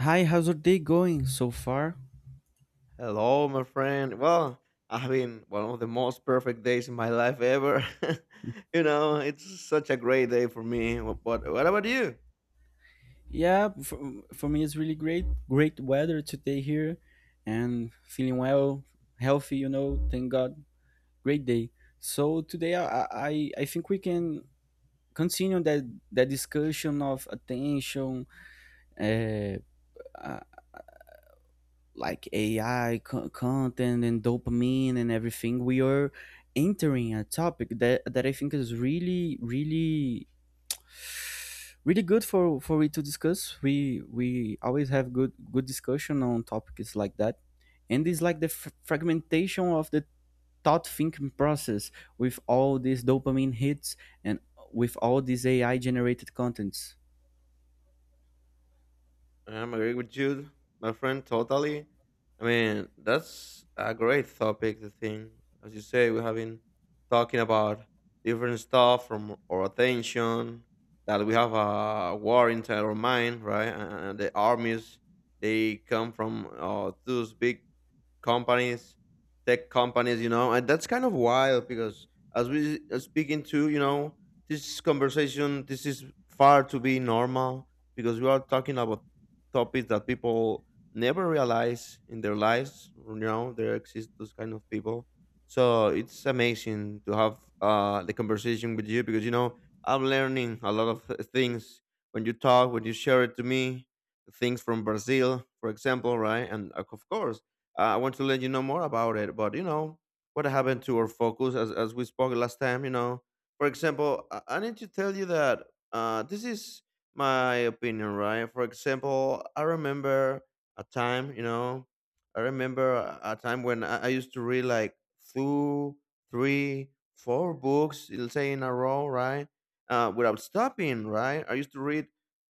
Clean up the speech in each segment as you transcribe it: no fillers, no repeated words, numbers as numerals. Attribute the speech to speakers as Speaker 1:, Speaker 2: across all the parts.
Speaker 1: Hi, how's your day going so far?
Speaker 2: Hello, my friend. Well, I've been one of the most perfect days in my life ever. You know, it's such a great day for me. But what about you?
Speaker 1: Yeah, for me it's really great. Great weather today here and feeling well, healthy, thank God. Great day. So today I think we can continue that discussion of attention, uh, uh, like AI content and dopamine and everything. We are entering a topic that I think is really good for we to discuss, we always have good discussion on topics like that, and it's like the fragmentation of the thought thinking process with all these dopamine hits and with all these AI generated contents.
Speaker 2: I'm agree with you, my friend, totally. I mean, that's a great topic, the thing. As you say, we have been talking about different stuff from our attention, that we have a war inside our mind, right? And the armies, they come from those big companies, tech companies, you know, and that's kind of wild because as we are speaking to, you know, this conversation, this is far to be normal because we are talking about topics that people never realize in their lives, you know, there exist those kind of people. So it's amazing to have the conversation with you because, you know, I'm learning a lot of things when you talk, when you share it to me, things from Brazil, for example, right? And of course, I want to let you know more about it, but you know what happened to our focus as we spoke last time. You know, for example, I need to tell you that this is my opinion, right? For example, I remember a time, you know, I remember a time when I used to read like two, three, four books, let's say in a row, right? Without stopping, right? I used to read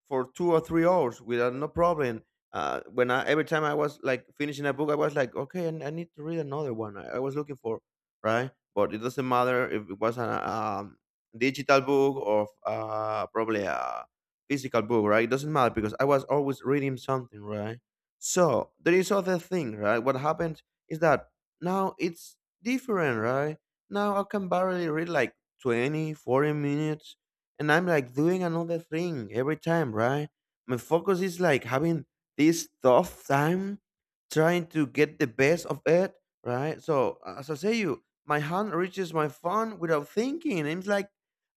Speaker 2: for 2 or 3 hours without no problem when I every time I was like finishing a book, I was like, okay, I need to read another one. I was looking for right, but it doesn't matter if it was a digital book or probably a physical book, right? It doesn't matter because I was always reading something, right? So there is other thing, right? What happened is that now it's different, right? Now I can barely read like 20, 40 minutes, and I'm like doing another thing every time, right? My focus is like having this tough time trying to get the best of it, right? So as I say, you, my hand reaches my phone without thinking. And it's like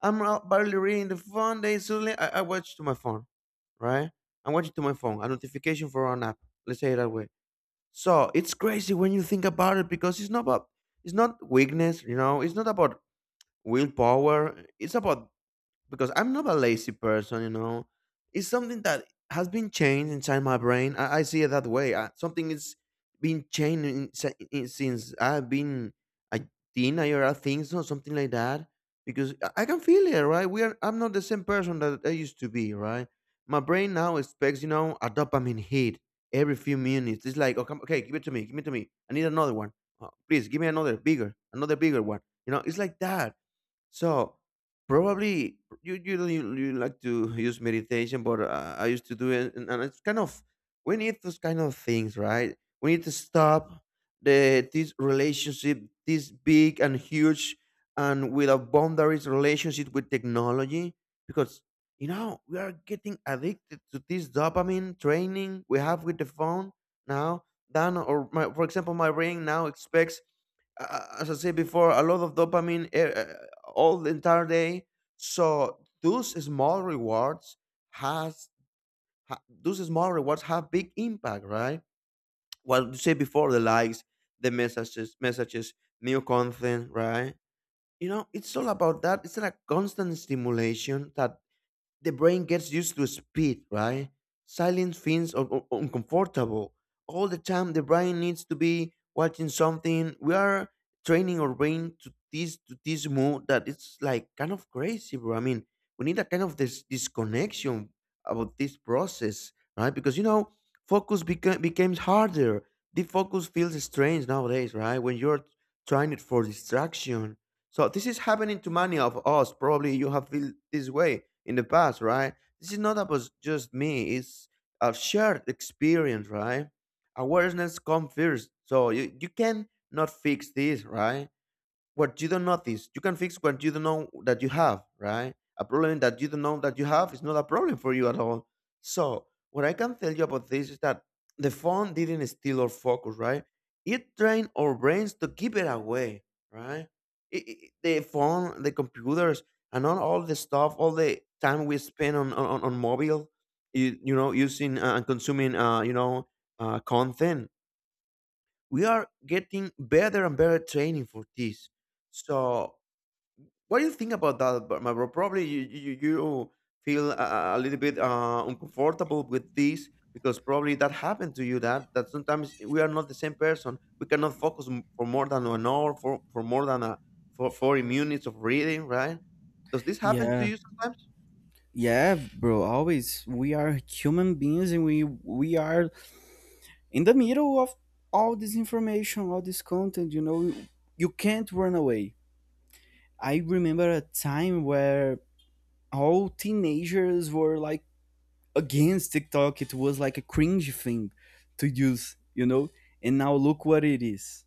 Speaker 2: I'm out barely reading the phone. Then suddenly I watch to my phone, right? I'm watching to my phone. A notification for an app. Let's say it that way. So it's crazy when you think about it because it's not about it's not weakness, you know. It's not about willpower. It's about because I'm not a lazy person, you know. It's something that has been changed inside my brain. I see it that way. I, something is been changed in, since I've been a teenager, I think so, something like that. Because I can feel it, right? We are. I'm not the same person that I used to be, right? My brain now expects, you know, a dopamine hit every few minutes. It's like, oh, come, okay, give it to me, give it to me. I need another one. Oh, please, give me another bigger one. You know, it's like that so probably you don't you like to use meditation, but I used to do it, and it's kind of we need those kind of things, right? We need to stop the this relationship, this big and huge and without boundaries relationship with technology, because you know we are getting addicted to this dopamine training we have with the phone now. Then, or my, for example, my brain now expects as I said before, a lot of dopamine all the entire day. So those small rewards has those small rewards have big impact, right? What you said before, the likes, the messages, messages, new content, right? You know, it's all about that. It's like a constant stimulation that the brain gets used to speed, right? Silence feels uncomfortable. All the time, the brain needs to be watching something. We are training our brain to this move. That it's like kind of crazy, bro. I mean, we need a kind of this disconnection about this process, right? Because you know, focus becomes harder. The focus feels strange nowadays, right? When you're trying it for distraction so this is happening to many of us. Probably you have felt this way in the past, right? This is not about just me. It's a shared experience, right? Awareness comes first. So you can not fix this, right? What you don't notice. You can fix what you don't know that you have, right? A problem that you don't know that you have is not a problem for you at all. So, what I can tell you about this is that the phone didn't steal our focus, right? It trained our brains to keep it away, right? The phone, the computers, and all the stuff, all the time we spend on on mobile, you know, using and consuming, you know, content. We are getting better and better training for this. So what do you think about that, but my bro? Probably you feel a little bit uncomfortable with this because probably that happened to you. That that sometimes we are not the same person. We cannot focus for more than an hour for more than a 40 minutes of reading, right? Does this happen to
Speaker 1: Yeah,
Speaker 2: you sometimes?
Speaker 1: yeah, bro, always we are human beings, and we are in the middle of all this information, all this content. You can't run away. I remember a time where all teenagers were like against TikTok. It was like a cringe thing to use, you know? And now look what it is.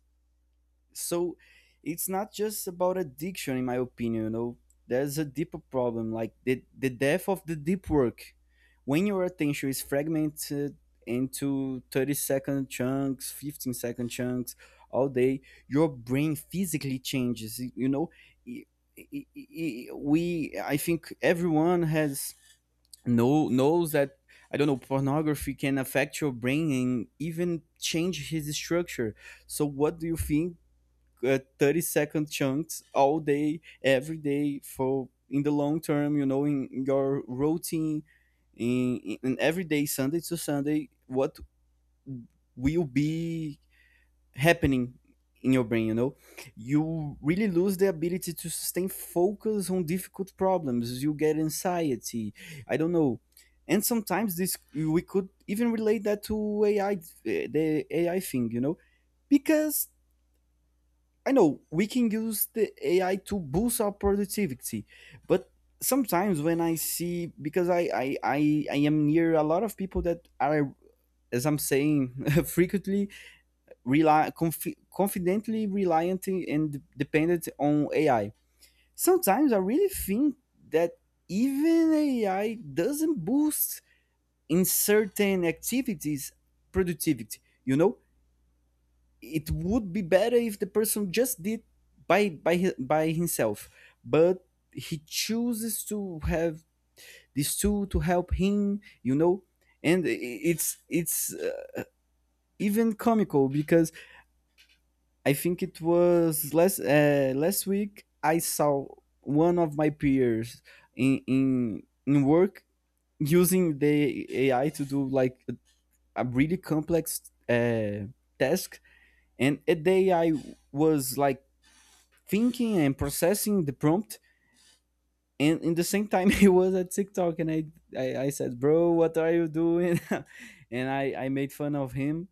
Speaker 1: So it's not just about addiction, in my opinion, you know? There's a deeper problem, like the death of the deep work. When your attention is fragmented into 30-second chunks, 15-second chunks all day, your brain physically changes, you know? I- I- we I think everyone has know knows that, I don't know, pornography can affect your brain and even change his structure. So what do you think? 30 second chunks all day, every day for in the long term. You know, in your routine, in, in every day, Sunday to Sunday, what will be happening in your brain. You really lose the ability to sustain focus on difficult problems. You get anxiety, I don't know. And sometimes this we could even relate that to AI. The AI thing. Because I know we can use the AI to boost our productivity. But sometimes when I see, because I am near a lot of people that are, as I'm saying, frequently rely confidently reliant and dependent on AI. Sometimes I really think that even AI doesn't boost in certain activities productivity. You know, it would be better if the person just did by himself, but he chooses to have this tool to help him. And it's even comical, because I think it was last week I saw one of my peers in work using the AI to do like a really complex uh, task, and the AI was like thinking and processing the prompt. And in the same time, he was at TikTok, and I said, "Bro, what are you doing?" And I made fun of him,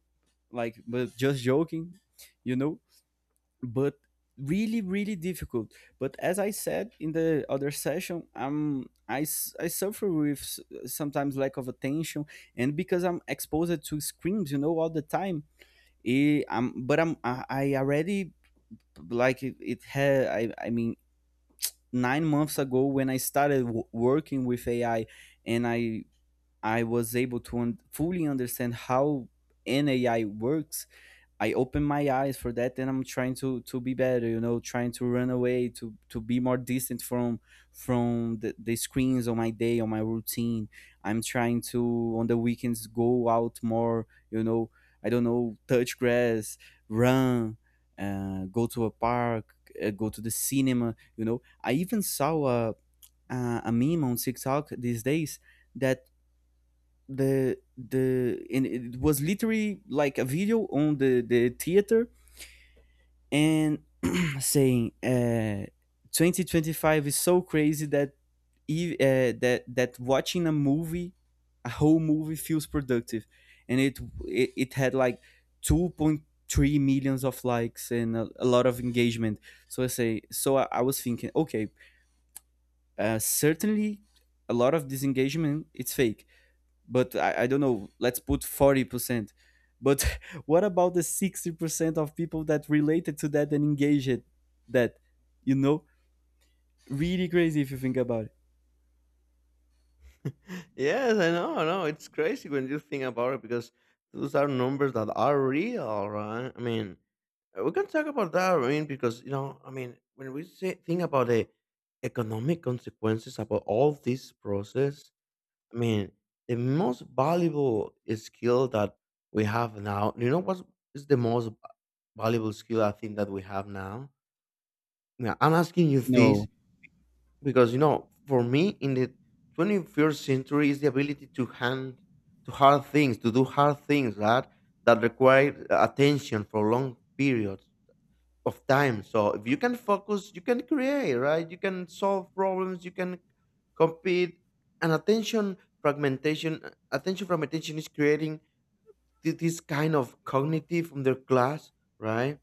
Speaker 1: like, but just joking, you know but really really difficult. But as I said in the other session, I suffer with, sometimes, lack of attention, and because I'm exposed to screens, all the time. Eh, i'm but i'm i, I already like it had, I mean, 9 months ago when I started working with AI, and I was able to fully understand how an AI works. I open my eyes for that, and I'm trying to be better, you know, trying to run away to be more distant from the screens on my day, on my routine. I'm trying to, on the weekends, go out more, I don't know, touch grass, run, go to a park, go to the cinema. I even saw a meme on TikTok these days that the and it was literally like a video on the theater and saying, 2025 is so crazy that, that watching a movie, a whole movie feels productive, and it had like 2.3 millions of likes and a lot of engagement. So I say, so I was thinking, okay, certainly a lot of this engagement it's fake, but I don't know, let's put 40%, but what about the 60% of people that related to that and engaged that you know Really crazy if you think about it.
Speaker 2: Yes, I know, I know. It's crazy when you think about it because those are numbers that are real, right? I mean, we can talk about that, I mean, because you know, I mean, when we say think about the economic consequences about all this process, I mean, the most valuable skill that we have now. You know what is the most valuable skill I think that we have now? Now I'm asking you
Speaker 1: No.
Speaker 2: this because you know, for me, in the 21st century, is the ability to hand to hard things, to do hard things that require attention for long periods of time. So if you can focus, you can create, right? You can solve problems, you can compete. And attention fragmentation is creating this kind of cognitive underclass, right?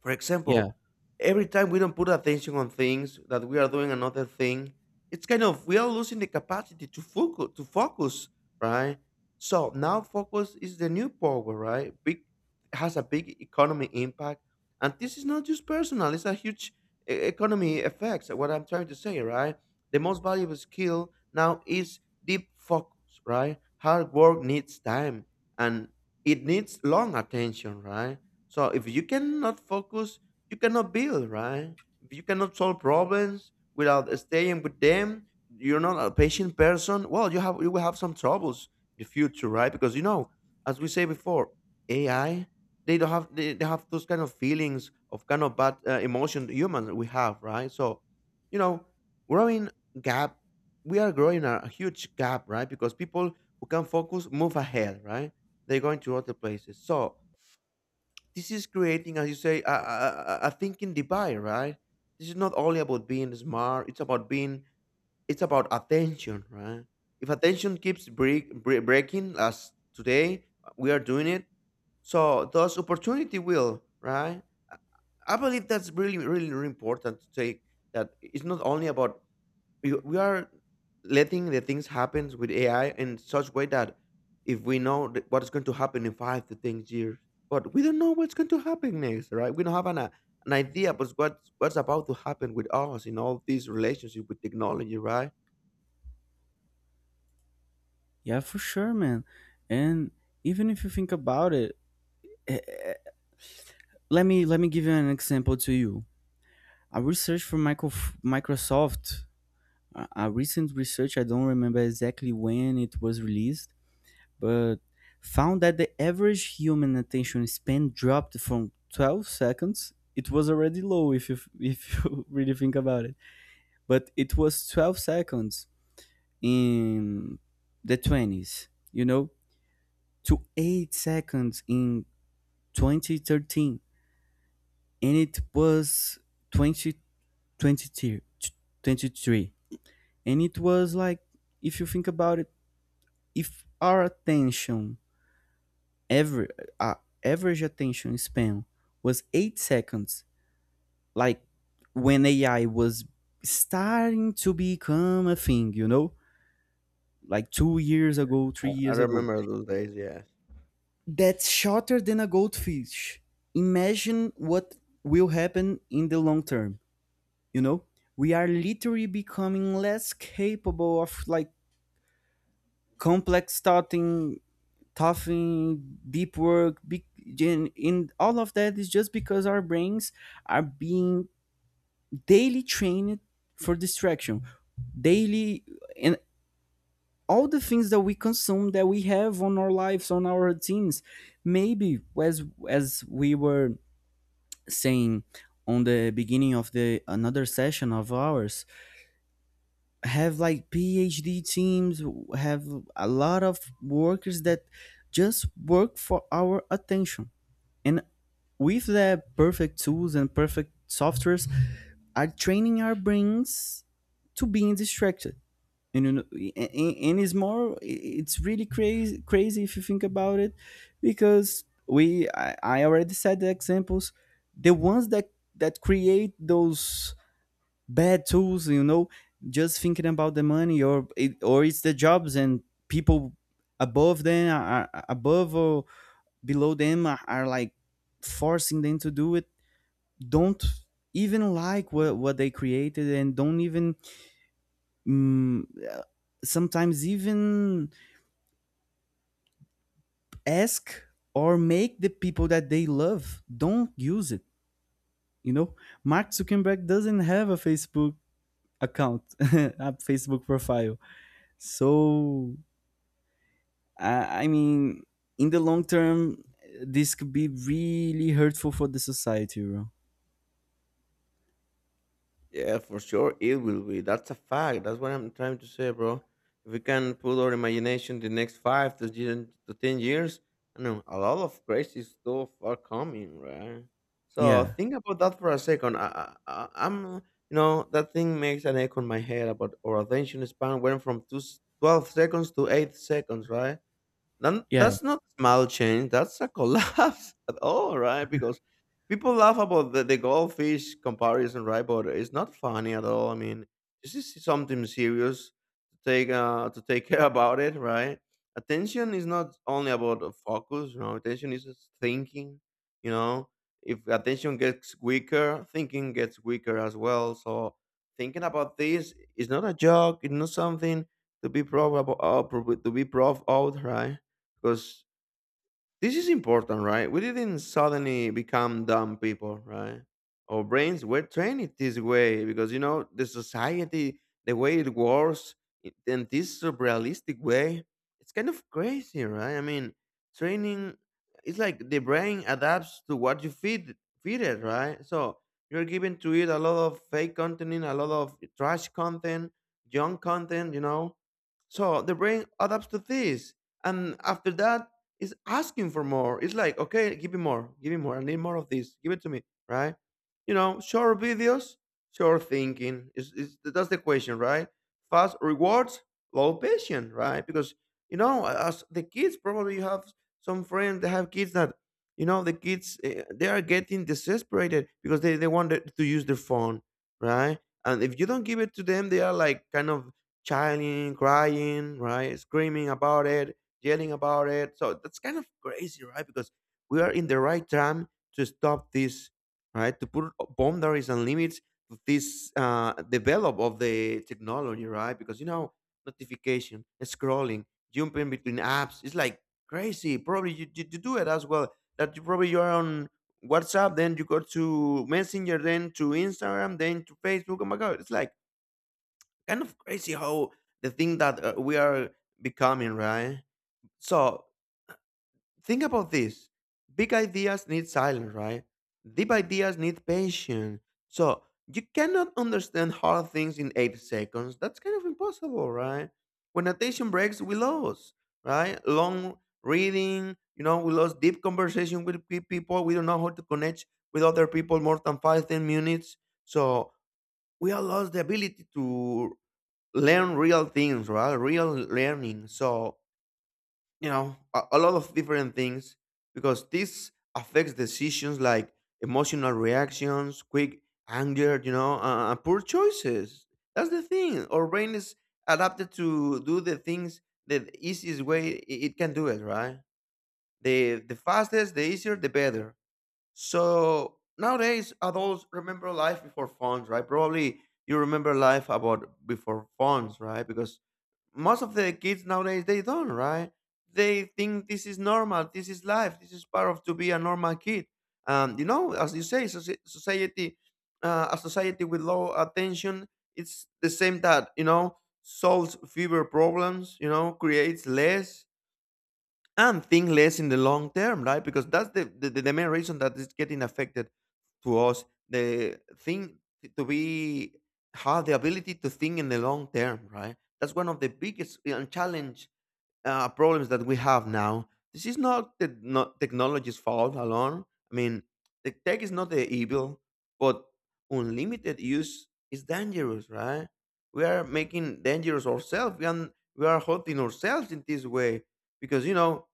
Speaker 2: For
Speaker 1: Yeah,
Speaker 2: example, every time we don't put attention on things that we are doing another thing, it's kind of we are losing the capacity to focus, right? So now focus is the new power, right? Big has a big economy impact, and this is not just personal; it's a huge economy effects. What I'm trying to say, right? The most valuable skill now is deep focus, right? Hard work needs time and it needs long attention, right? So if you cannot focus, you cannot build, right? If you cannot solve problems without staying with them, you're not a patient person. Well, you will have some troubles in the future, right? Because you know, as we say before, AI they don't have they have those kind of feelings of kind of bad emotion humans we have, right? So, you know, growing gap, we are growing a huge gap, right? Because people who can focus move ahead, right? They're going to other places. So this is creating, as you say, a thinking divide, right? This is not only about being smart; it's about being, it's about attention, right? If attention keeps breaking, as today we are doing it, so thus opportunity will, right? I I believe that's really, really, really important to take that. It's not only about we are letting the things happen with AI in such way that if we know what's going to happen in 5 to 10 years, but we don't know what's going to happen next, right? We don't have an idea about what's about to happen with us in all these relationships with technology, right?
Speaker 1: yeah, for sure, man. And even if you think about it, let me give you an example to you. A research from Microsoft, a recent research, I don't remember exactly when it was released, but found that the average human attention span dropped from 12 seconds. It was already low if you really think about it, but it was 12 seconds in the 20s, to 8 seconds in 2013, and it was 2023. And it was like, if you think about it, if our attention, Aver- uh, average attention span was 8 seconds, like when AI was starting to become a thing, like 2 years ago, three
Speaker 2: I
Speaker 1: years ago.
Speaker 2: remember those days, yes.
Speaker 1: That's shorter than a goldfish. Imagine what will happen in the long term, you know? We are literally becoming less capable of, like, complex thought in toughing, deep work, big, in all of that, is just because our brains are being daily trained for distraction, daily, and all the things that we consume, that we have on our lives, on our routines. Maybe, as we were saying on the beginning of the another session of ours, have like PhD teams, have a lot of workers that just work for our attention and, with the perfect tools and perfect softwares, are training our brains to being distracted and, and it's really crazy crazy if you think about it. Because I already said the examples, the ones that create those bad tools, just thinking about the money, or it's the jobs, and people above them are above, or below them are like forcing them to do it, don't even like what they created, and don't even, mm, sometimes even, ask or make the people that they love don't use it you know Mark Zuckerberg doesn't have a Facebook account, a Facebook profile. So, I mean, in the long term this could be really hurtful for the society, bro.
Speaker 2: Yeah, for sure it will be. That's a fact. That's what I'm trying to say, bro. If we can put our imagination the next five to ten years, I know a lot of crazy stuff are coming, right? So
Speaker 1: Yeah,
Speaker 2: think about that for a second. I'm, you know, that thing makes an echo in my head about our attention span went from 12 seconds to 8 seconds, right? Then
Speaker 1: yeah.
Speaker 2: that's not small change. That's a collapse at all, right? Because people laugh about the goldfish comparison, right? But it's not funny at all. I mean, this is something serious to take care about it, right? Attention is not only about the focus, you know. Attention is just thinking, you know. If attention gets weaker, thinking gets weaker as well. So thinking about this is not a joke. It's not something to be proud about, to be proud of, right? Because this is important, right? We didn't suddenly become dumb people, right? Our brains were trained this way because you know the society, the way it works in this surrealistic way, it's kind of crazy, right? I mean, training, it's like the brain adapts to what you feed it, right? So you're given to eat a lot of fake content, a lot of trash content, junk content, you know. So the brain adapts to this. And after that, is asking for more. It's like, okay, give me more, give me more. I need more of this. Give it to me, right? You know, short videos, short thinking. Is that's the question, right? Fast rewards, low patience, right? Because you know, as the kids, probably you have some friends that have kids that you know the kids, eh, they are getting desesperated because they want to use their phone, right? And if you don't give it to them, they are like kind of chilling, crying, right, screaming about it, yelling about it. So that's kind of crazy, right? Because we are in the right time to stop this, right? To put boundaries and limits to this, develop of the technology, right? Because you know, notification, scrolling, jumping between apps, it's like crazy. Probably you do it as well. That you probably you are on WhatsApp, then you go to Messenger, then to Instagram, then to Facebook. Oh my God, it's like kind of crazy how the thing that we are becoming, right? So think about this. Big ideas need silence, right? Deep ideas need patience. So you cannot understand hard things in 8 seconds. That's kind of impossible, right? When attention breaks, we lose, right? Long reading, you know, we lost deep conversation with people. We don't know how to connect with other people more than 5, 10 minutes So we have lost the ability to learn real things, right? Real learning. So you know, a lot of different things, because this affects decisions, like emotional reactions, quick anger, you know, and poor choices. That's the thing. Our brain is adapted to do the things the easiest way it can do it, right? The fastest, the easier, the better. So nowadays adults remember life before phones, right? Probably you remember life about before phones, right? Because most of the kids nowadays, they don't, right? They think this is normal, this is life, this is part of to be a normal kid. And you know, as you say, society, a society with low attention, it's the same that you know solves fewer problems, you know, creates less and think less in the long term, right? Because that's the the main reason that it's getting affected to us. The thing to be, have the ability to think in the long term, right? That's one of the biggest challenge, problems that we have now. This is not the, not technology's fault alone. I mean, the tech is not the evil, but unlimited use is dangerous, right? We are making dangerous ourselves, and we are hurting ourselves in this way because you know,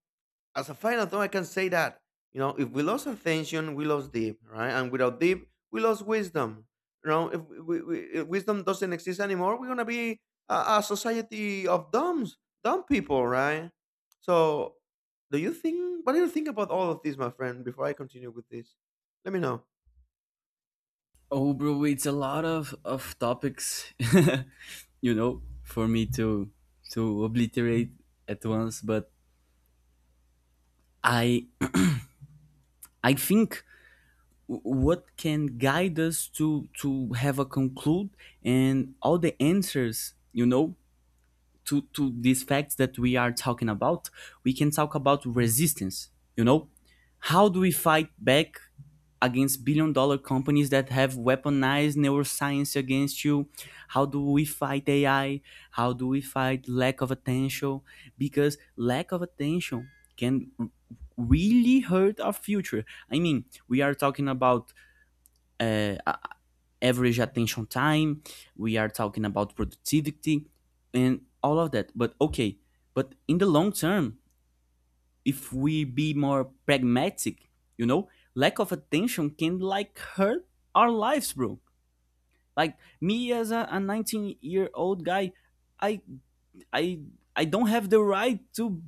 Speaker 2: as a final thought, I can say that you know if we lost attention, we lost deep, right? And without deep, we lost wisdom. You know, if, we, if wisdom doesn't exist anymore, we're gonna be a society of dumbs, dumb people, right? So, do you think? What do you think about all of this, my friend? Before I continue with this, let me know.
Speaker 1: Oh, bro, it's a lot of topics, for me to obliterate at once. But I I think what can guide us to have a conclude and all the answers, to these facts that we are talking about, we can talk about resistance. You know, how do we fight back against billion dollar companies that have weaponized neuroscience against you? How do we fight AI? How do we fight lack of attention? Because lack of attention can really hurt our future. I mean, we are talking about, uh, average attention time, we are talking about productivity and all of that, but okay, but in the long term, if we be more pragmatic, you know lack of attention can, like, hurt our lives, bro. Like me, as a 19-year-old guy, i I I don't have the right to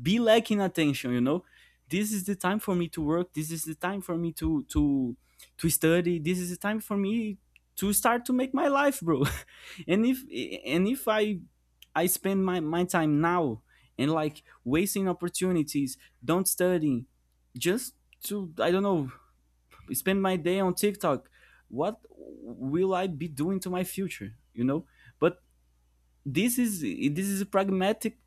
Speaker 1: be lacking attention. You know, this is the time for me to work. This is the time for me to study. This is the time for me to start to make my life, bro. and if and if I I spend my time now and, like, wasting opportunities, don't study, just to, I don't know, spend my day on TikTok. What will I be doing to my future? But this is a pragmatic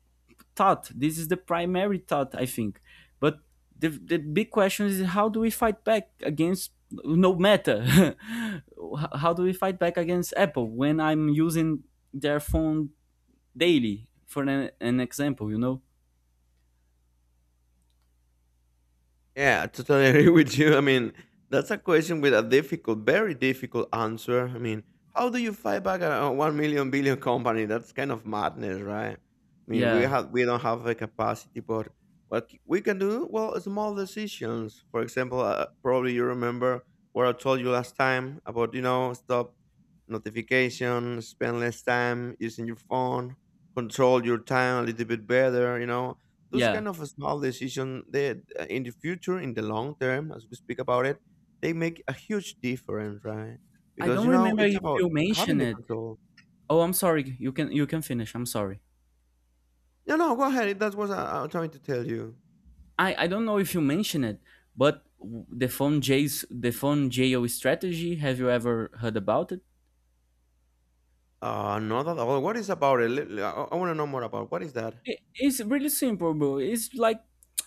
Speaker 1: thought. This is the primary thought, I think. But the big question is, how do we fight back against, no matter, how do we fight back against Apple when I'm using their phone daily for an example.
Speaker 2: Yeah, I totally agree with you. I mean, that's a question with a difficult, very difficult answer. I mean, how do you fight back at a one million billion company? That's kind of madness, right? I mean,
Speaker 1: Yeah,
Speaker 2: we don't have the capacity, but we can do? Well, small decisions. For example, probably you remember what I told you last time about you know stop notification, spend less time using your phone, control your time a little bit better. You know, those
Speaker 1: yeah,
Speaker 2: kind of small decision, they, in the future, in the long term as we speak about it, they make a huge difference, right?
Speaker 1: I
Speaker 2: Because
Speaker 1: don't
Speaker 2: you know
Speaker 1: remember
Speaker 2: it's
Speaker 1: if
Speaker 2: about
Speaker 1: you
Speaker 2: having
Speaker 1: mentioned
Speaker 2: the
Speaker 1: it.
Speaker 2: control.
Speaker 1: Oh, I'm sorry, you can finish, I'm sorry.
Speaker 2: No, no, go ahead. That's what I'm trying to tell you.
Speaker 1: I don't know if you mentioned it, but the phone jail strategy, have you ever heard about it?
Speaker 2: Uh, not at all. What is about it? I want to know more about what is that.
Speaker 1: It's really simple, bro. It's like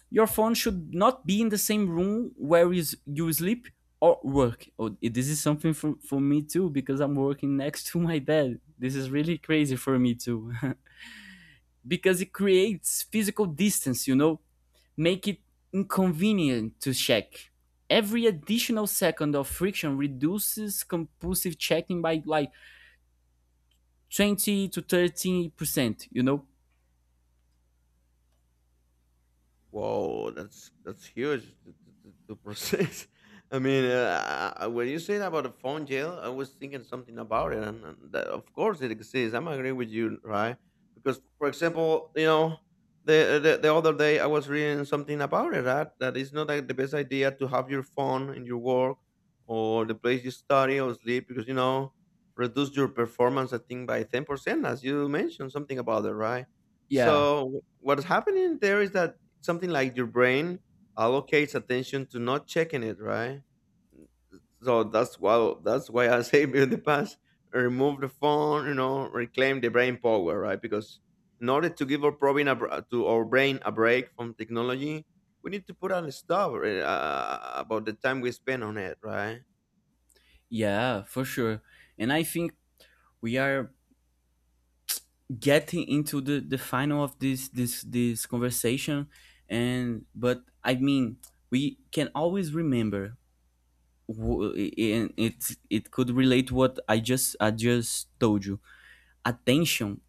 Speaker 1: your phone should not be in the same room where is you sleep or work. Oh, this is something for me too because I'm working next to my bed. This is really crazy for me too because it creates physical distance. Make it inconvenient to check. Every additional second of friction reduces compulsive checking by like 20 to 30%. You know,
Speaker 2: Whoa, that's huge to process. I mean, when you said about a phone jail, I was thinking something about it, and that, of course it exists. I'm agree with you, right? Because, for example, you know, the other day I was reading something about it, that that is not like the best idea to have your phone in your work or the place you study or sleep because you know reduce your performance. I think by 10%, as you mentioned something about it, right?
Speaker 1: yeah,
Speaker 2: So what's happening there is that something like your brain allocates attention to not checking it, right? So that's why I say build the past, remove the phone, you know, reclaim the brain power, right? Because in order to give our brain a, br- to our brain a break from technology, we need to put on a stop, about the time we spend on it, right?
Speaker 1: yeah, for sure. And I think we are getting into the final of this conversation, and but I mean, we can always remember, and it could relate what I just told you. Attention,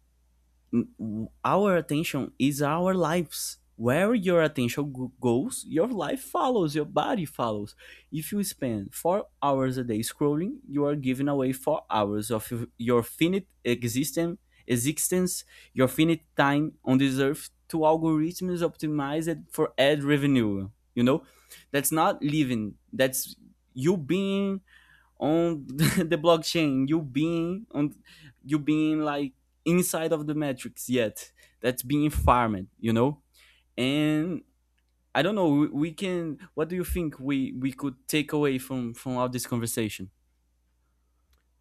Speaker 1: our attention is our lives. Where your attention goes, your life follows, your body follows. If you spend 4 hours a day scrolling, you are giving away 4 hours of your finite existence, your finite time on this earth to algorithms optimized for ad revenue. You know, that's not living. That's you being on, the blockchain, you being on, you being like inside of the matrix, yet, that's being farmed. And, I don't know, we can, what do you think we could take away from all this conversation.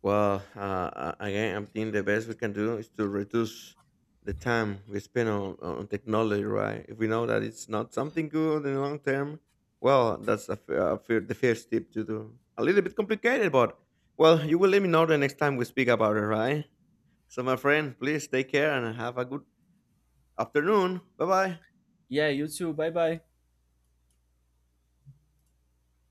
Speaker 2: Well, again, I think the best we can do is to reduce the time we spend on technology, right? If we know that it's not something good in the long term, well, that's a, the first tip to do. A little bit complicated, but well, you will let me know the next time we speak about it, right? So, my friend, please take care and have a good afternoon. Bye bye.
Speaker 1: Yeah, you too. Bye bye.